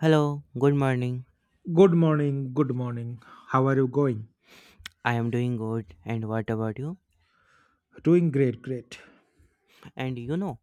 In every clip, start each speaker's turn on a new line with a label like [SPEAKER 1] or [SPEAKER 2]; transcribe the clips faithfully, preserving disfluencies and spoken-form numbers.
[SPEAKER 1] Hello, good morning.
[SPEAKER 2] Good morning, good morning. How are you going?
[SPEAKER 1] I am doing good. And what about you?
[SPEAKER 2] Doing great, great.
[SPEAKER 1] And you know,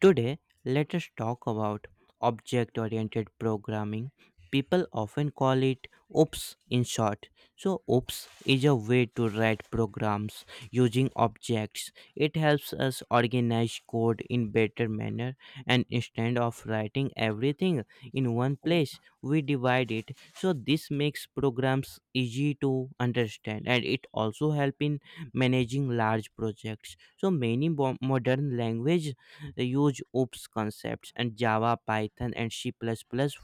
[SPEAKER 1] today let us talk about object oriented programming. People often call it OOPS in short. So, OOPS is a way to write programs using objects. It helps us organize code in better manner, and instead of writing everything in one place, we divide it. So this makes programs easy to understand, and it also help in managing large projects. So many bo- modern language use OOPs concepts, and Java, Python, and C++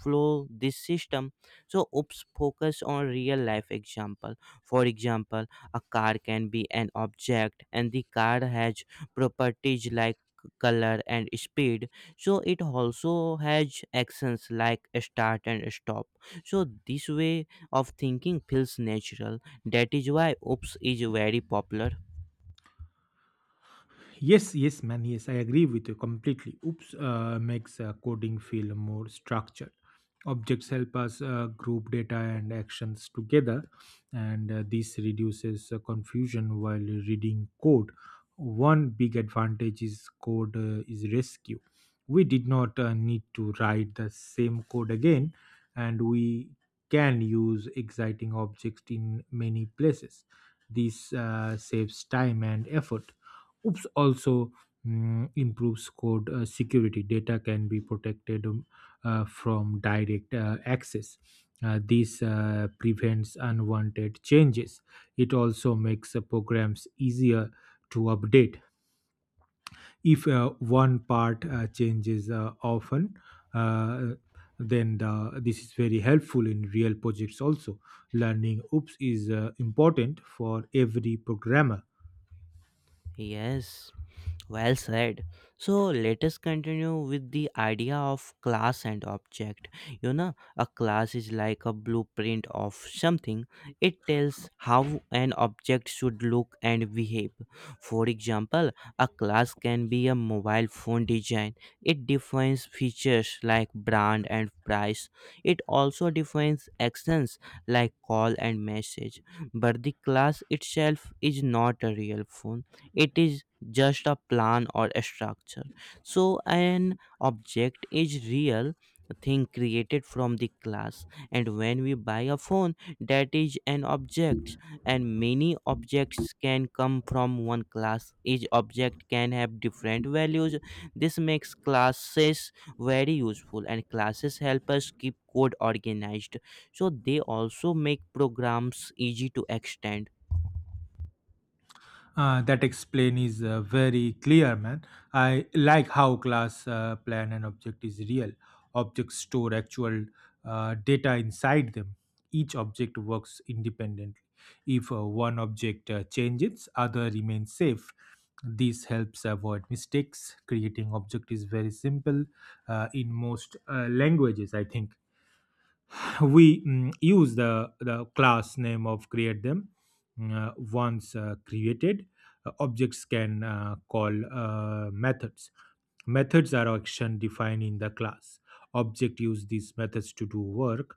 [SPEAKER 1] flow this system. So OOPs focus on real life example. For example, a car can be an object, and the car has properties like color and speed. So it also has actions like start and stop. So this way of thinking feels natural. That is why oops is very popular.
[SPEAKER 2] Yes, yes, man. Yes, I agree with you completely. Oops uh, makes uh, coding feel more structured. Objects help us uh, group data and actions together, and uh, this reduces uh, confusion while reading code. One big advantage is code uh, is rescue. We did not uh, need to write the same code again, and we can use exciting objects in many places. This uh, saves time and effort Oops also mm, improves code uh, security. Data can be protected um, uh, from direct uh, access. Uh, this uh, prevents unwanted changes. It also makes uh, programs easier to update. If uh, one part uh, changes uh, often, uh, then the, this is very helpful in real projects also. Learning OOPS is uh, important for every programmer.
[SPEAKER 1] Yes. Well said. So let us continue with the idea of class and object. You know, a class is like a blueprint of something. It tells how an object should look and behave. For example, a class can be a mobile phone design. It defines features like brand and price. It also defines actions like call and message. But the class itself is not a real phone. It is just a plan or a structure. So an object is real thing created from the class. And when we buy a phone, that is an object, and many objects can come from one class. Each object can have different values. This makes classes very useful, and classes help us keep code organized. So they also make programs easy to extend.
[SPEAKER 2] Uh, that explain is uh, very clear, man. I like how class uh, plan and object is real. Objects store actual uh, data inside them. Each object works independently. If uh, one object uh, changes, other remains safe. This helps avoid mistakes. Creating object is very simple uh, in most uh, languages, I think we mm, use the, the class name of create them Uh, once uh, created uh, objects can uh, call uh, methods. Methods are action defined in the class. Object use these methods to do work.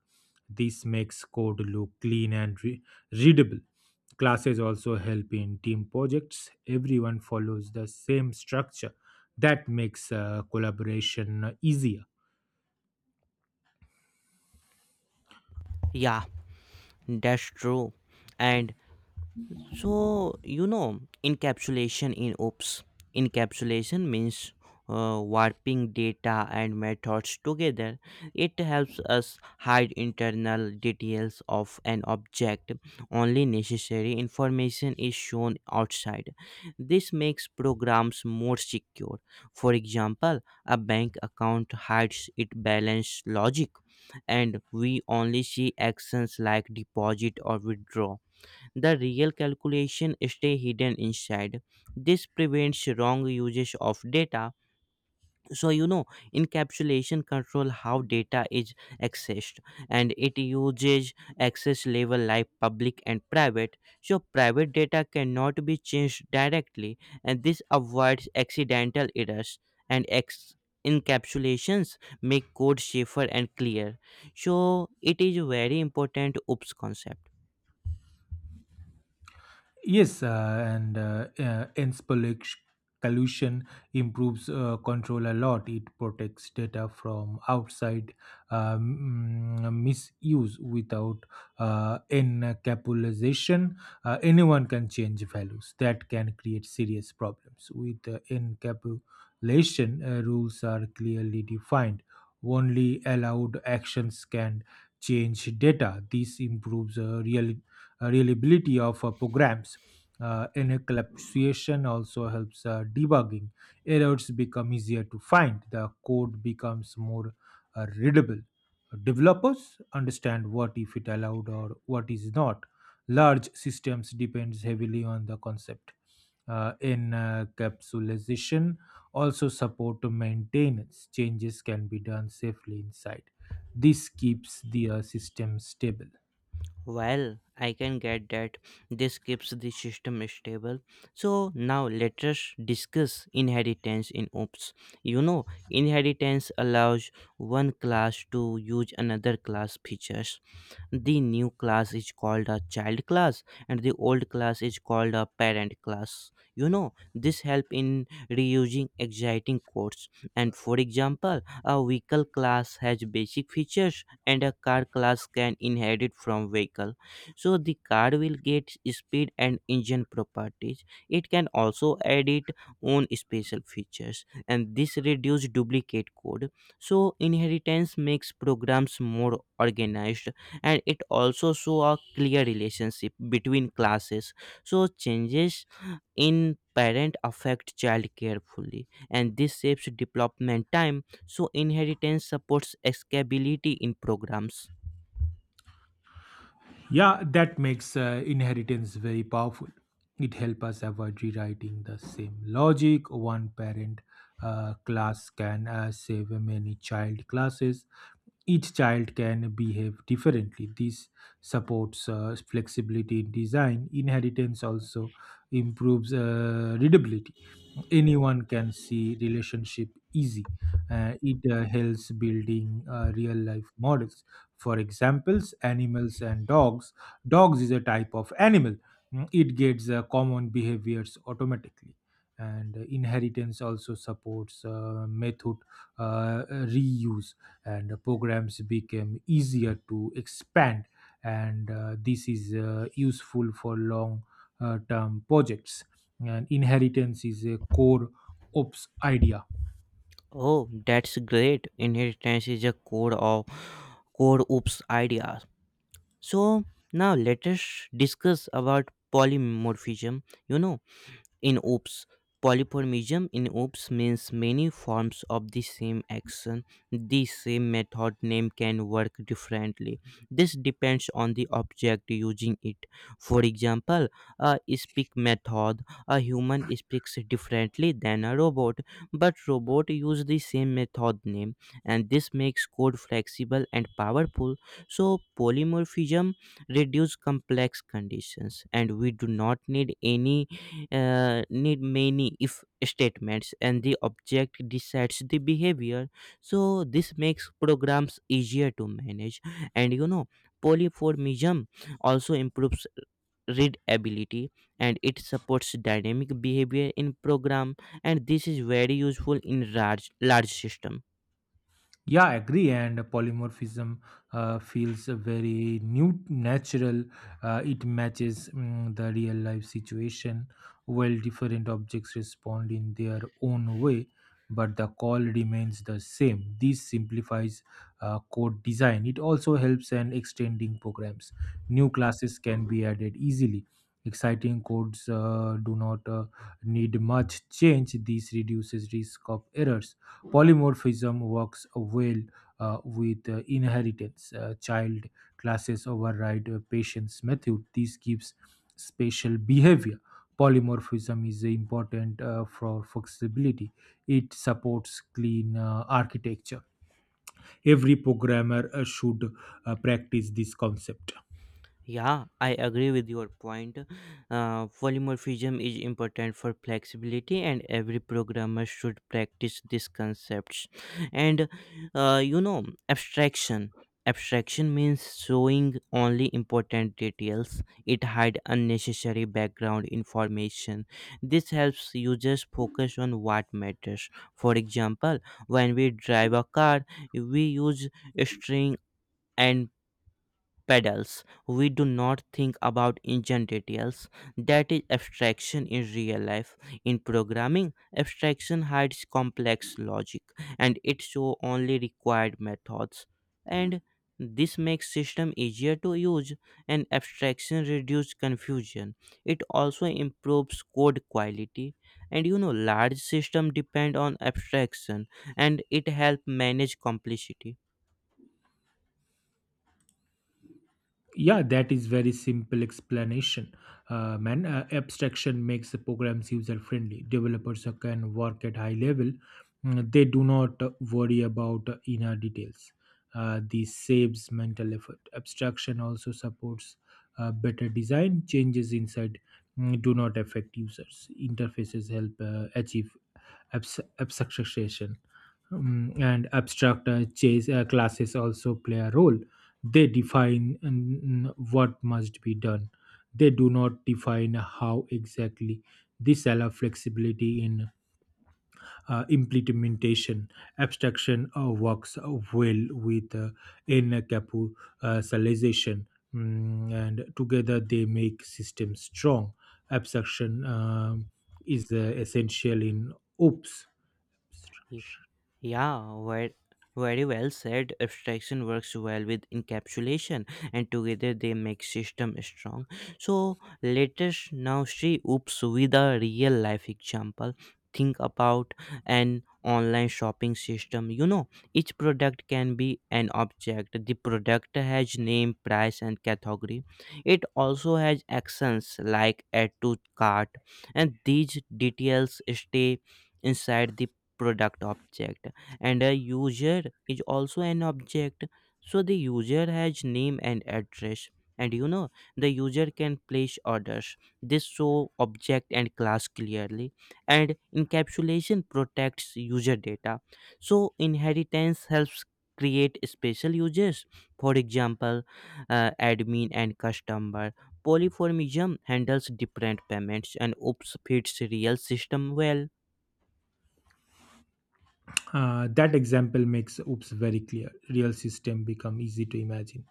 [SPEAKER 2] This makes code look clean and re- readable. Classes also help in team projects. Everyone follows the same structure. That makes uh, collaboration easier.
[SPEAKER 1] Yeah, that's true. And so, you know, encapsulation in OOPS. Encapsulation means uh, warping data and methods together. It helps us hide internal details of an object. Only necessary information is shown outside. This makes programs more secure. For example, a bank account hides its balance logic, and we only see actions like deposit or withdraw. The real calculation stay hidden inside. This prevents wrong usage of data. So you know encapsulation control how data is accessed, and it uses access level like public and private. So private data cannot be changed directly, and this avoids accidental errors. And ex- encapsulations make code safer and clear. So it is very important oops concept.
[SPEAKER 2] Yes, uh, and uh, uh, ends pollux- pollution improves uh, control a lot. It protects data from outside um, mm, misuse without uh, encapsulation. Uh, anyone can change values. That can create serious problems. With uh, encapsulation, uh, rules are clearly defined. Only allowed actions can change data. This improves uh, real uh, reliability of uh, programs. Uh, encapsulation also helps uh, debugging. Errors become easier to find. The code becomes more uh, readable. Developers understand what if it allowed or what is not. Large systems depends heavily on the concept. Uh, encapsulation also support maintenance. Changes can be done safely inside. This keeps the uh, system stable.
[SPEAKER 1] Well, I can get that. This keeps the system stable. So now let us discuss inheritance in OOPS. You know, inheritance allows one class to use another class features. The new class is called a child class, and the old class is called a parent class. You know, this help in reusing exciting codes. And for example, a vehicle class has basic features, and a car class can inherit from vehicle. So the car will get speed and engine properties. It can also add its own special features, and this reduce duplicate code. So inheritance makes programs more organized, and it also show a clear relationship between classes. So changes in parent affect child carefully, and this shapes development time. So inheritance supports escapability in programs.
[SPEAKER 2] Yeah, that makes uh, inheritance very powerful. It helps us avoid rewriting the same logic. One parent uh, class can uh, save many child classes. Each child can behave differently. This supports uh, flexibility in design. Inheritance also improves uh, readability. Anyone can see relationship easy. Uh, it uh, helps building uh, real life models, for examples animals and dogs dogs is a type of animal. Mm, it gets uh, common behaviors automatically, and uh, inheritance also supports uh, method uh, reuse, and programs became easier to expand, and uh, this is uh, useful for long uh, term projects. And inheritance is a core ops idea.
[SPEAKER 1] Oh, that's great. Inheritance is a core of core oops idea. So now let us discuss about polymorphism. You know in oops, polyformism in oops means many forms of the same action. The same method name can work differently. This depends on the object using it. For example, a speak method, a human speaks differently than a robot, but robot use the same method name. And this makes code flexible and powerful. So polymorphism reduce complex conditions, and we do not need any uh, need many if statements, and the object decides the behavior. So this makes programs easier to manage. And you know, polymorphism also improves readability, and it supports dynamic behavior in program. And this is very useful in large large system.
[SPEAKER 2] Yeah, I agree. And polymorphism uh, feels very new, natural. Uh, it matches mm, the real life situation, while different objects respond in their own way, but the call remains the same. This simplifies uh, code design. It also helps in extending programs. New classes can be added easily. Exciting codes uh, do not uh, need much change. This reduces risk of errors. Polymorphism works well uh, with uh, inheritance. Uh, child classes override a patient's method. This gives spatial behavior. Polymorphism is important uh, for flexibility. It supports clean uh, architecture. Every programmer uh, should uh, practice this concept.
[SPEAKER 1] Yeah, I agree with your point. Uh, polymorphism is important for flexibility, and every programmer should practice these concepts. And uh, you know, abstraction. Abstraction means showing only important details. It hides unnecessary background information. This helps users focus on what matters. For example, when we drive a car, we use string and pedals. We do not think about engine details. That is abstraction in real life. In programming, abstraction hides complex logic, and it shows only required methods. And this makes system easier to use, and abstraction reduces confusion. It also improves code quality. And you know, large system depend on abstraction, and it help manage complexity.
[SPEAKER 2] Yeah, that is very simple explanation, uh, man. Uh, abstraction makes the programs user friendly. Developers who can work at high level mm, they do not uh, worry about uh, inner details. Uh, this saves mental effort. Abstraction also supports uh, better design. Changes inside mm, do not affect users interfaces. Help uh, achieve abs- abstraction. Um, and abstract uh, chase uh, classes also play a role. They define mm, what must be done. They do not define how exactly. This allows flexibility in uh, implementation. Abstraction uh, works uh, well with uh, in Mm, and together they make systems strong. Abstraction um, is uh, essential in oops.
[SPEAKER 1] Yeah, very, very well said. Abstraction works well with encapsulation, and together they make system strong. So let us now see oops with a real life example. Think about an online shopping system. You know, each product can be an object. The product has name, price, and category. It also has actions like add to cart, and these details stay inside the product object. And a user is also an object. So the user has name and address. And you know, the user can place orders. This show object and class clearly, and encapsulation protects user data. So inheritance helps create special users. For example, uh, admin and customer. Polyformism handles different payments, and oops fits real system well.
[SPEAKER 2] Uh, that example makes oops very clear. Real system become easy to imagine.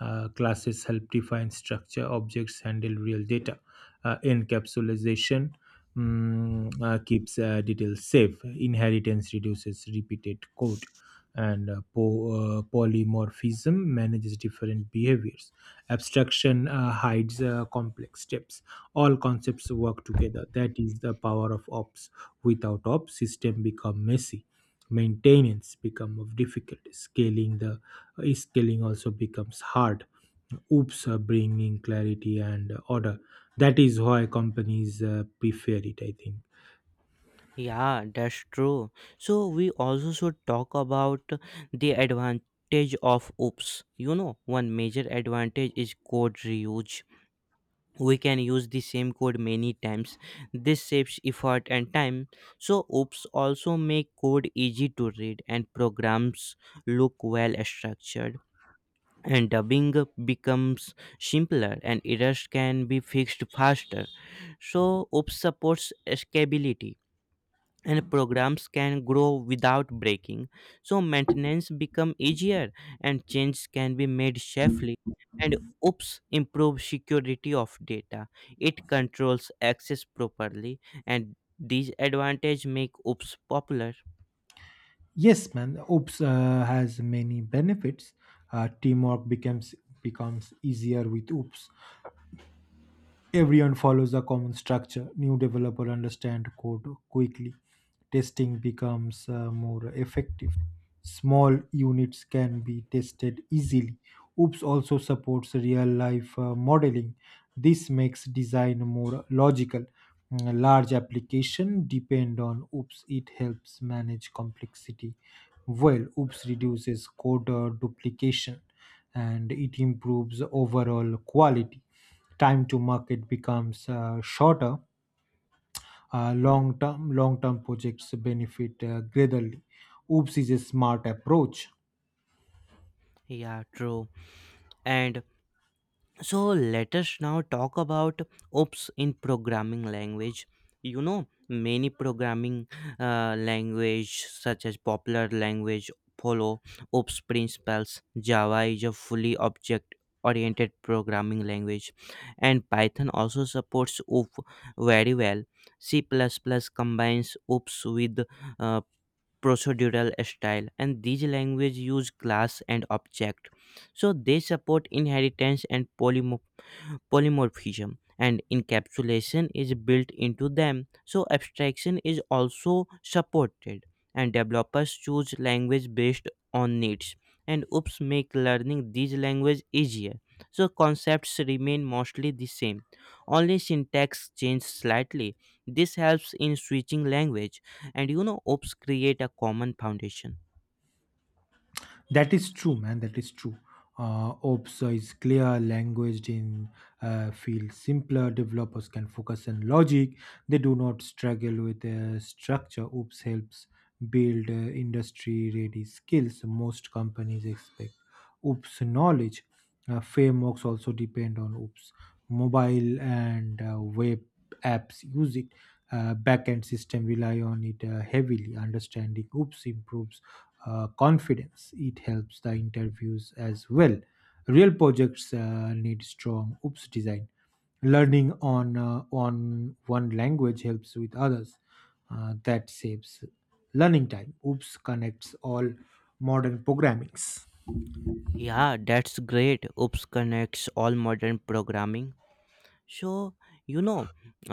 [SPEAKER 2] Uh, classes help define structure. Objects handle real data. Uh, encapsulation mm, uh, keeps uh, details safe. Inheritance reduces repeated code, and uh, po- uh, polymorphism manages different behaviors. Abstraction uh, hides uh, complex steps. All concepts work together. That is the power of ops. Without ops, system become messy. Maintenance become of difficult. scaling the uh, scaling also becomes hard. Oops uh, bringing clarity and uh, order. That is why companies uh, prefer it, I think.
[SPEAKER 1] Yeah, that's true. So we also should talk about the advantage of OOPs. You know, one major advantage is code reuse. We can use the same code many times. This saves effort and time. So OOPs also make code easy to read, and programs look well structured. And dubbing becomes simpler, and errors can be fixed faster. So OOPs supports scalability, and programs can grow without breaking. So maintenance become easier, and changes can be made safely. And oops improve security of data. It controls access properly, and these advantage make oops popular.
[SPEAKER 2] Yes, man. Oops uh, has many benefits. Uh, teamwork becomes becomes easier with Oops. Everyone follows a common structure. New developer understand code quickly. Testing becomes uh, more effective. Small units can be tested easily. OOPS also supports real life uh, modeling. This makes design more logical. Mm, Large application depend on OOPS. It helps manage complexity well. OOPS reduces code uh, duplication, and it improves overall quality. Time to market becomes uh, shorter. uh, long-term long-term projects benefit uh, greatly. Oops is a smart approach.
[SPEAKER 1] Yeah, true. And so let us now talk about oops in programming language. You know, many programming uh, language such as popular language follow oops principles. Java is a fully object oriented programming language, and Python also supports O O P very well. C++ combines oops with uh, procedural style, and these languages use class and object. So they support inheritance and polymorphism. Polymorphism and encapsulation is built into them. So abstraction is also supported, and developers choose language based on needs. And oops make learning these language easier. So concepts remain mostly the same. Only syntax changes slightly. This helps in switching language. And you know, oops create a common foundation.
[SPEAKER 2] That is true, man. That is true. Uh, ops is clear. Language in uh, feel simpler. Developers can focus on logic. They do not struggle with uh, structure. Oops helps build uh, industry-ready skills. Most companies expect oops knowledge. Uh, frameworks also depend on oops. Mobile and uh, web apps use it. Uh, backend system rely on it uh, heavily. Understanding oops improves uh, confidence. It helps the interviews as well. Real projects uh, need strong oops design. Learning on uh, on one language helps with others. Uh, that saves learning time. Oops connects all modern programmings.
[SPEAKER 1] Yeah, that's great. Oops connects all modern programming. So, you know,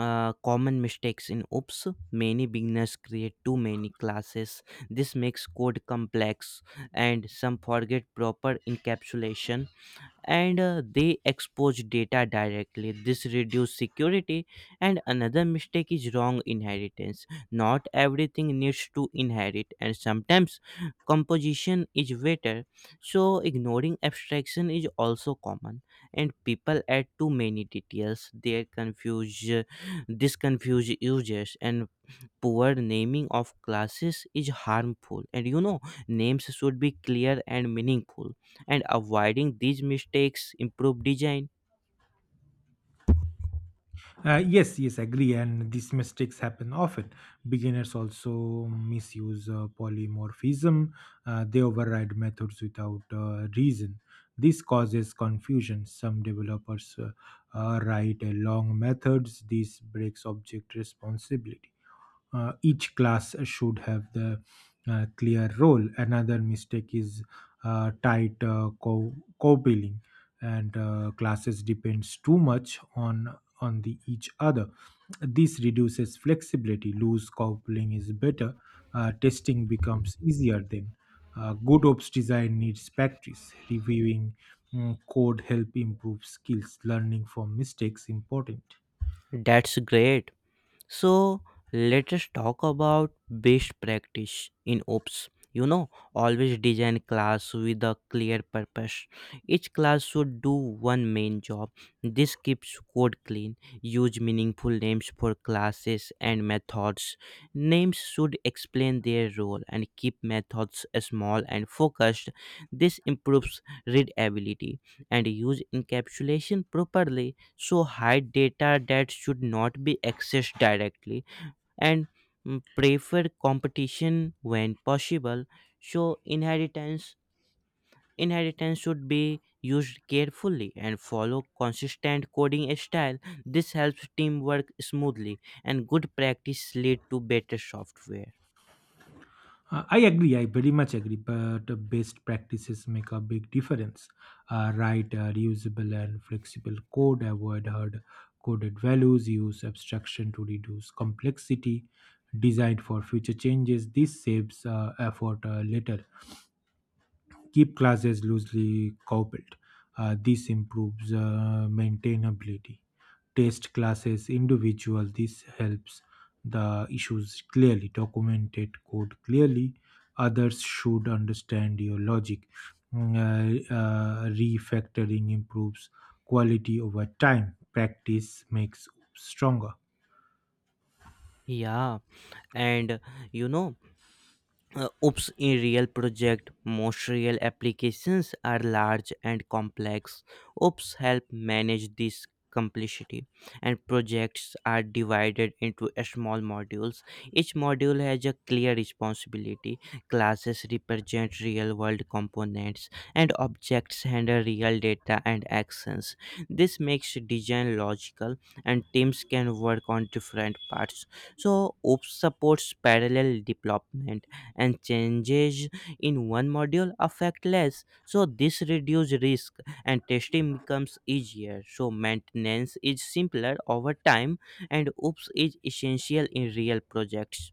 [SPEAKER 1] uh, common mistakes in OOPS, many beginners create too many classes. This makes code complex, and some forget proper encapsulation, and uh, they expose data directly. This reduces security. And another mistake is wrong inheritance. Not everything needs to inherit, and sometimes composition is better. So ignoring abstraction is also common, and people add too many details they confuse This confuse users. And poor naming of classes is harmful. And you know, names should be clear and meaningful, and avoiding these mistakes improve design.
[SPEAKER 2] Uh, yes, yes, agree. And these mistakes happen often. Beginners also misuse uh, polymorphism. Uh, they override methods without uh, reason. This causes confusion. Some developers uh, uh, write uh, long methods. This breaks object responsibility. uh, each class should have the uh, clear role. Another mistake is uh, tight uh, co- co-billing, and uh, classes depends too much on on the each other. This reduces flexibility. Loose coupling is better. Uh, testing becomes easier then. Uh, good ops design needs practice. Reviewing mm, code help improve skills. Learning from mistakes important.
[SPEAKER 1] That's great. So let us talk about best practice in ops. You know, always design class with a clear purpose. Each class should do one main job. This keeps code clean. Use meaningful names for classes and methods. Names should explain their role, and keep methods small and focused. This improves readability. And use encapsulation properly. So hide data that should not be accessed directly. And mm, prefer competition when possible. So inheritance inheritance should be used carefully, and follow consistent coding style. This helps teamwork smoothly, and good practice lead to better software.
[SPEAKER 2] Uh, I agree. I very much agree. But uh, best practices make a big difference. Uh, write uh, reusable and flexible code. Avoid hard coded values. Use abstraction to reduce complexity. Designed for future changes. This saves uh, effort uh, later. Keep classes loosely coupled. Uh, this improves uh, maintainability. Test classes individual. This helps the issues clearly. Documented code clearly. Others should understand your logic. Mm, Uh, uh, refactoring improves quality over time. Practice makes stronger.
[SPEAKER 1] Yeah. And you know, uh, oops in real project, most real applications are large and complex. Oops help manage this complexity, and projects are divided into small modules. Each module has a clear responsibility. Classes represent real world components, and objects handle real data and actions. This makes design logical, and teams can work on different parts. So oops supports parallel development, and changes in one module affect less, so this reduces risk. And testing becomes easier, so maintenance is simpler over time. And oops is essential in real projects.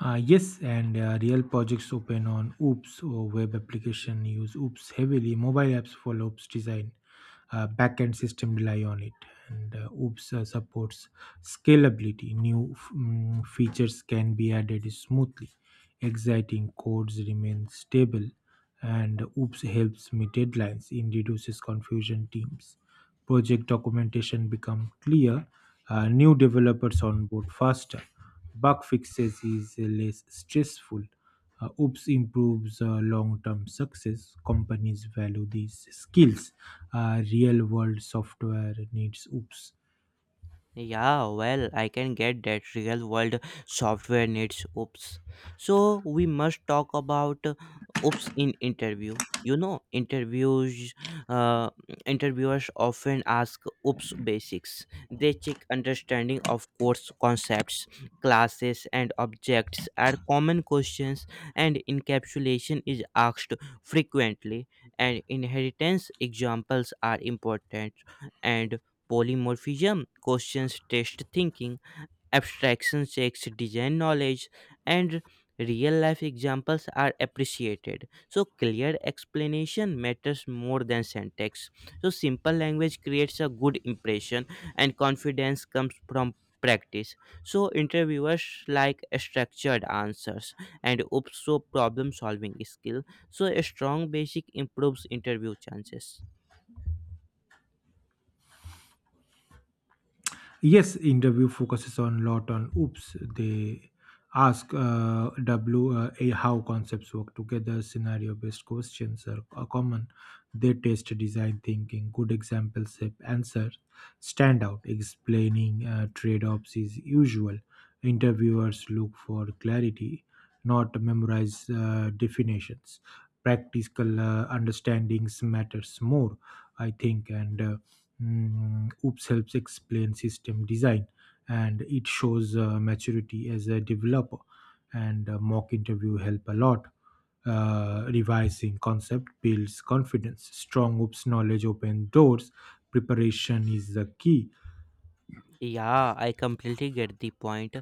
[SPEAKER 2] Uh, yes, and uh, real projects open on Oops, or web application use Oops heavily. Mobile apps follow Oops design. Uh, backend system rely on it, and uh, Oops uh, supports scalability. New f- mm, features can be added smoothly. Exciting codes remain stable, and Oops helps meet deadlines. It reduces confusion teams. Project documentation become clear. uh, new developers on board faster. Bug fixes is less stressful. uh, oops improves uh, long-term success. Companies value these skills. Uh, real-world software needs oops.
[SPEAKER 1] Yeah, well, I can get that. Real world software needs oops. So we must talk about uh, oops in interview. You know, interviews, uh, interviewers often ask oops basics. They check understanding of course concepts. Classes and objects are common questions, and encapsulation is asked frequently. And inheritance examples are important. And polymorphism questions test thinking. Abstraction checks design knowledge, and real life examples are appreciated. So clear explanation matters more than syntax. So simple language creates a good impression, and confidence comes from practice. So interviewers like structured answers, and also problem solving skill. So a strong basic improves interview chances.
[SPEAKER 2] Yes, interview focuses on lot on oops. They ask uh, W uh, A how concepts work together. Scenario based questions are, are common. They test design thinking. Good examples help answer stand out. Explaining uh, trade offs is usual. Interviewers look for clarity, not memorize uh, definitions. Practical uh, understandings matters more, I think. And. Uh, mm, oops helps explain system design, and it shows uh, maturity as a developer. And uh, mock interview help a lot. uh, revising concept builds confidence. Strong oops knowledge open doors. Preparation is the key.
[SPEAKER 1] Yeah, I completely get the point.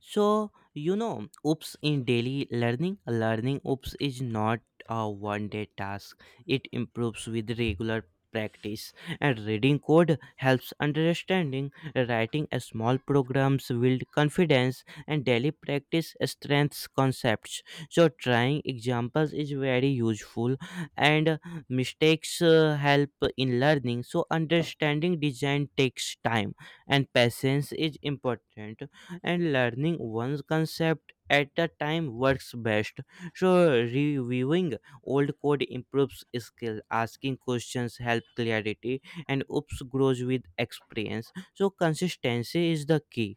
[SPEAKER 1] So, you know, oops in daily learning, learning oops is not a one day task. It improves with regular practice, and reading code helps understanding. Writing a small programs build confidence, and daily practice strengths concepts. So trying examples is very useful. And uh, mistakes uh, help in learning. So understanding design takes time, and patience is important. And learning one's concept at a time works best. So reviewing old code improves skill. Asking questions help clarity, and oops grows with experience. So consistency is the key.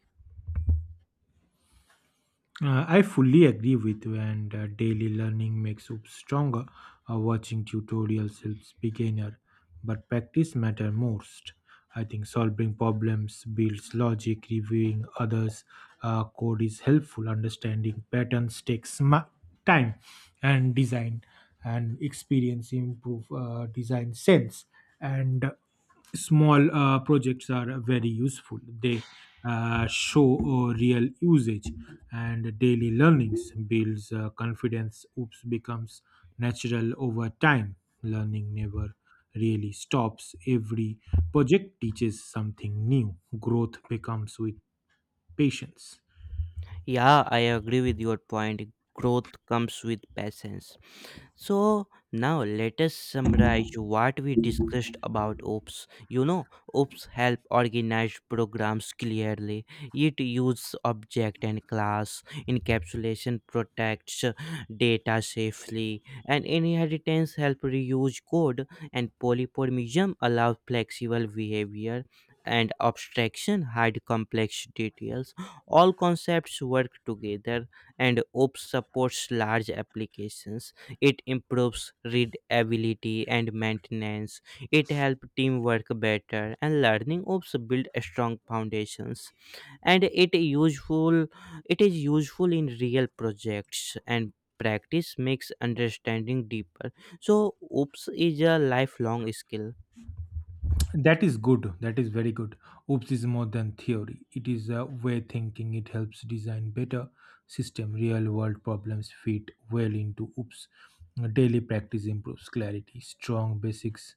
[SPEAKER 2] Uh, I fully agree with you, and uh, daily learning makes you stronger. Uh, watching tutorials helps beginner, but practice matter most. I think solving problems builds logic. Reviewing others' uh, code is helpful. Understanding patterns takes ma- time, and design and experience improve uh, design sense. And small uh, projects are very useful. They uh, show uh, real usage, and daily learnings builds uh, confidence. Oops becomes natural over time. Learning never really stops. Every project teaches something new. Growth becomes with patience.
[SPEAKER 1] Yeah, I agree with your point. Growth comes with patience. So now let us summarize what we discussed about OPS. You know, OPS help organize programs clearly. It uses object and class. Encapsulation protects data safely, and inheritance help reuse code. And polymorphism allows flexible behavior, and abstraction hide complex details. All concepts work together, and OPS supports large applications. It improves readability and maintenance. It helps teamwork better, and learning ops build strong foundations. And it useful it is useful in real projects, and practice makes understanding deeper. So ops is a lifelong skill.
[SPEAKER 2] That is good. That is very good. Oops is more than theory. It is a way thinking. It helps design better system. Real world problems fit well into oops. Daily practice improves clarity. Strong basics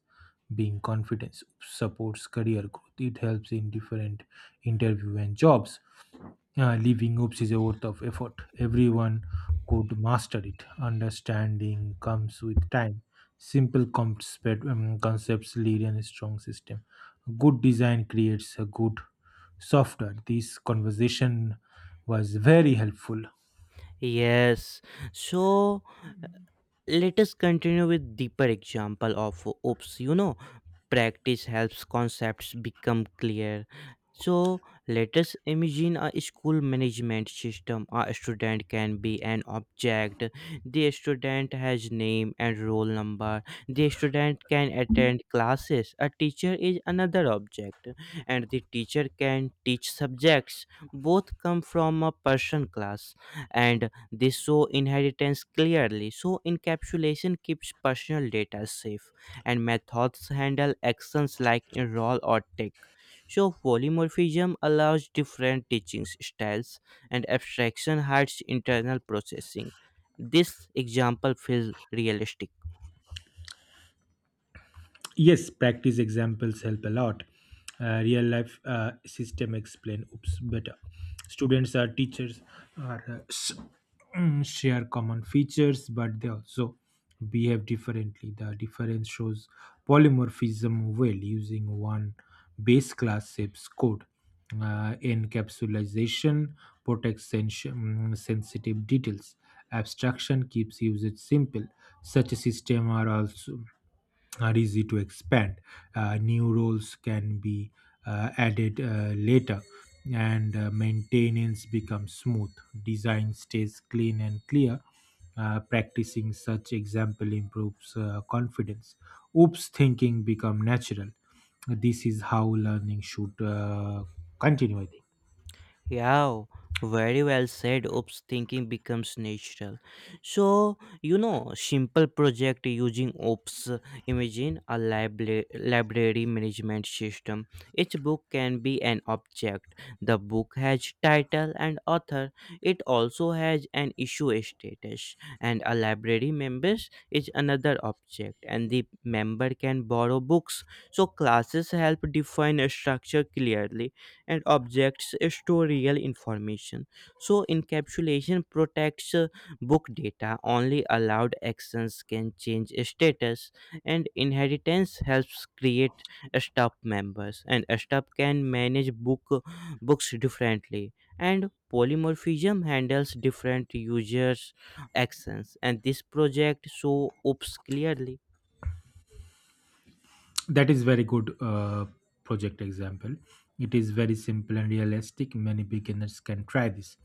[SPEAKER 2] being confidence. Oops supports career growth. It helps in different interview and jobs. Yeah, living oops is a worth of effort. Everyone could master it. Understanding comes with time. Simple concept, um, concepts lead in a strong system. Good design creates a good software. This conversation was very helpful.
[SPEAKER 1] Yes. So let us continue with deeper example of ops. You know, practice helps concepts become clear. So let us imagine a school management system. A student can be an object. The student has name and roll number. The student can attend classes. A teacher is another object, and the teacher can teach subjects. Both come from a person class, and they show inheritance clearly. So encapsulation keeps personal data safe, and methods handle actions like enroll or take. So polymorphism allows different teaching styles, and abstraction hides internal processing. This example feels realistic.
[SPEAKER 2] Yes, practice examples help a lot. uh, real life uh, system explain oops better. Students or teachers are uh, s- mm, share common features, but they also behave differently. The difference shows polymorphism well. Using one base class shapes code. uh, encapsulation protects sens- mm, sensitive details. Abstraction keeps usage simple. Such a system are also are easy to expand. Uh, new roles can be uh, added uh, later, and uh, maintenance becomes smooth. Design stays clean and clear. Uh, practicing such example improves uh, confidence. Oops thinking become natural. This is how learning should uh, continue, I think.
[SPEAKER 1] Yeah, very well said. Oops, thinking becomes natural. So, you know, simple project using Oops. Imagine a libra- library management system. Each book can be an object. The book has title and author. It also has an issue status. And a library members is another object. And the member can borrow books. So classes help define a structure clearly, and objects store real information. So encapsulation protects uh, book data. Only allowed actions can change status, and inheritance helps create staff members, and staff can manage book books differently. And polymorphism handles different users' actions, and this project show oops clearly.
[SPEAKER 2] That is very good uh, project example. It is very simple and realistic. Many beginners can try this.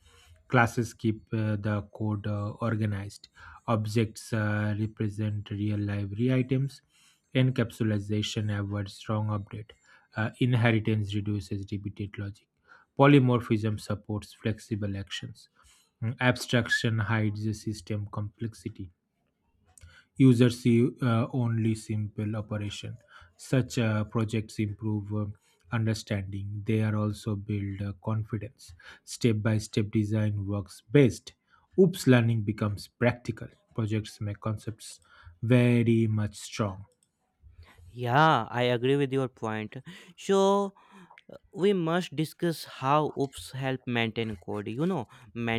[SPEAKER 2] Classes keep uh, the code uh, organized. Objects uh, represent real library items. Encapsulation avoids strong update. uh, inheritance reduces repeated logic. Polymorphism supports flexible actions. Mm, abstraction hides the system complexity. Users see uh, only simple operation. Such uh, projects improve uh, understanding. They are also build uh, confidence. Step by step design works best. Oops learning becomes practical. Projects make concepts very much strong.
[SPEAKER 1] Yeah, I agree with your point. So we must discuss how oops help maintain code. You know,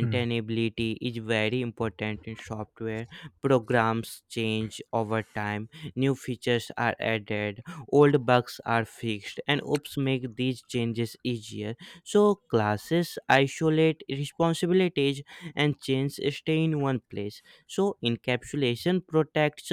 [SPEAKER 2] Hmm.
[SPEAKER 1] is very important in software. Programs change over time. New features are added, old bugs are fixed, and oops make these changes easier. So classes isolate responsibilities, and change stay in one place. So encapsulation protects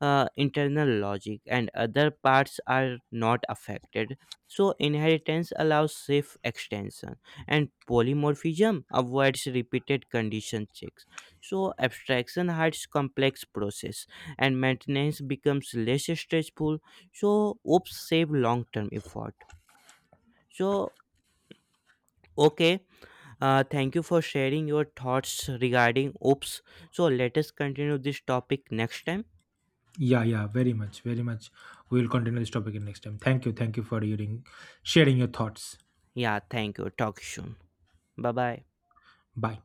[SPEAKER 1] uh, internal logic, and other parts are not affected. So inheritance allows safe extension, and polymorphism avoids repeated condition checks. So abstraction hides complex process, and maintenance becomes less stressful. So ops save long-term effort. So okay, uh, thank you for sharing your thoughts regarding ops. So let us continue this topic next time.
[SPEAKER 2] Yeah, yeah, very much, very much. We will continue this topic in next time. Thank you, thank you for hearing, sharing your thoughts.
[SPEAKER 1] Yeah, thank you. Talk soon. Bye bye.
[SPEAKER 2] Bye.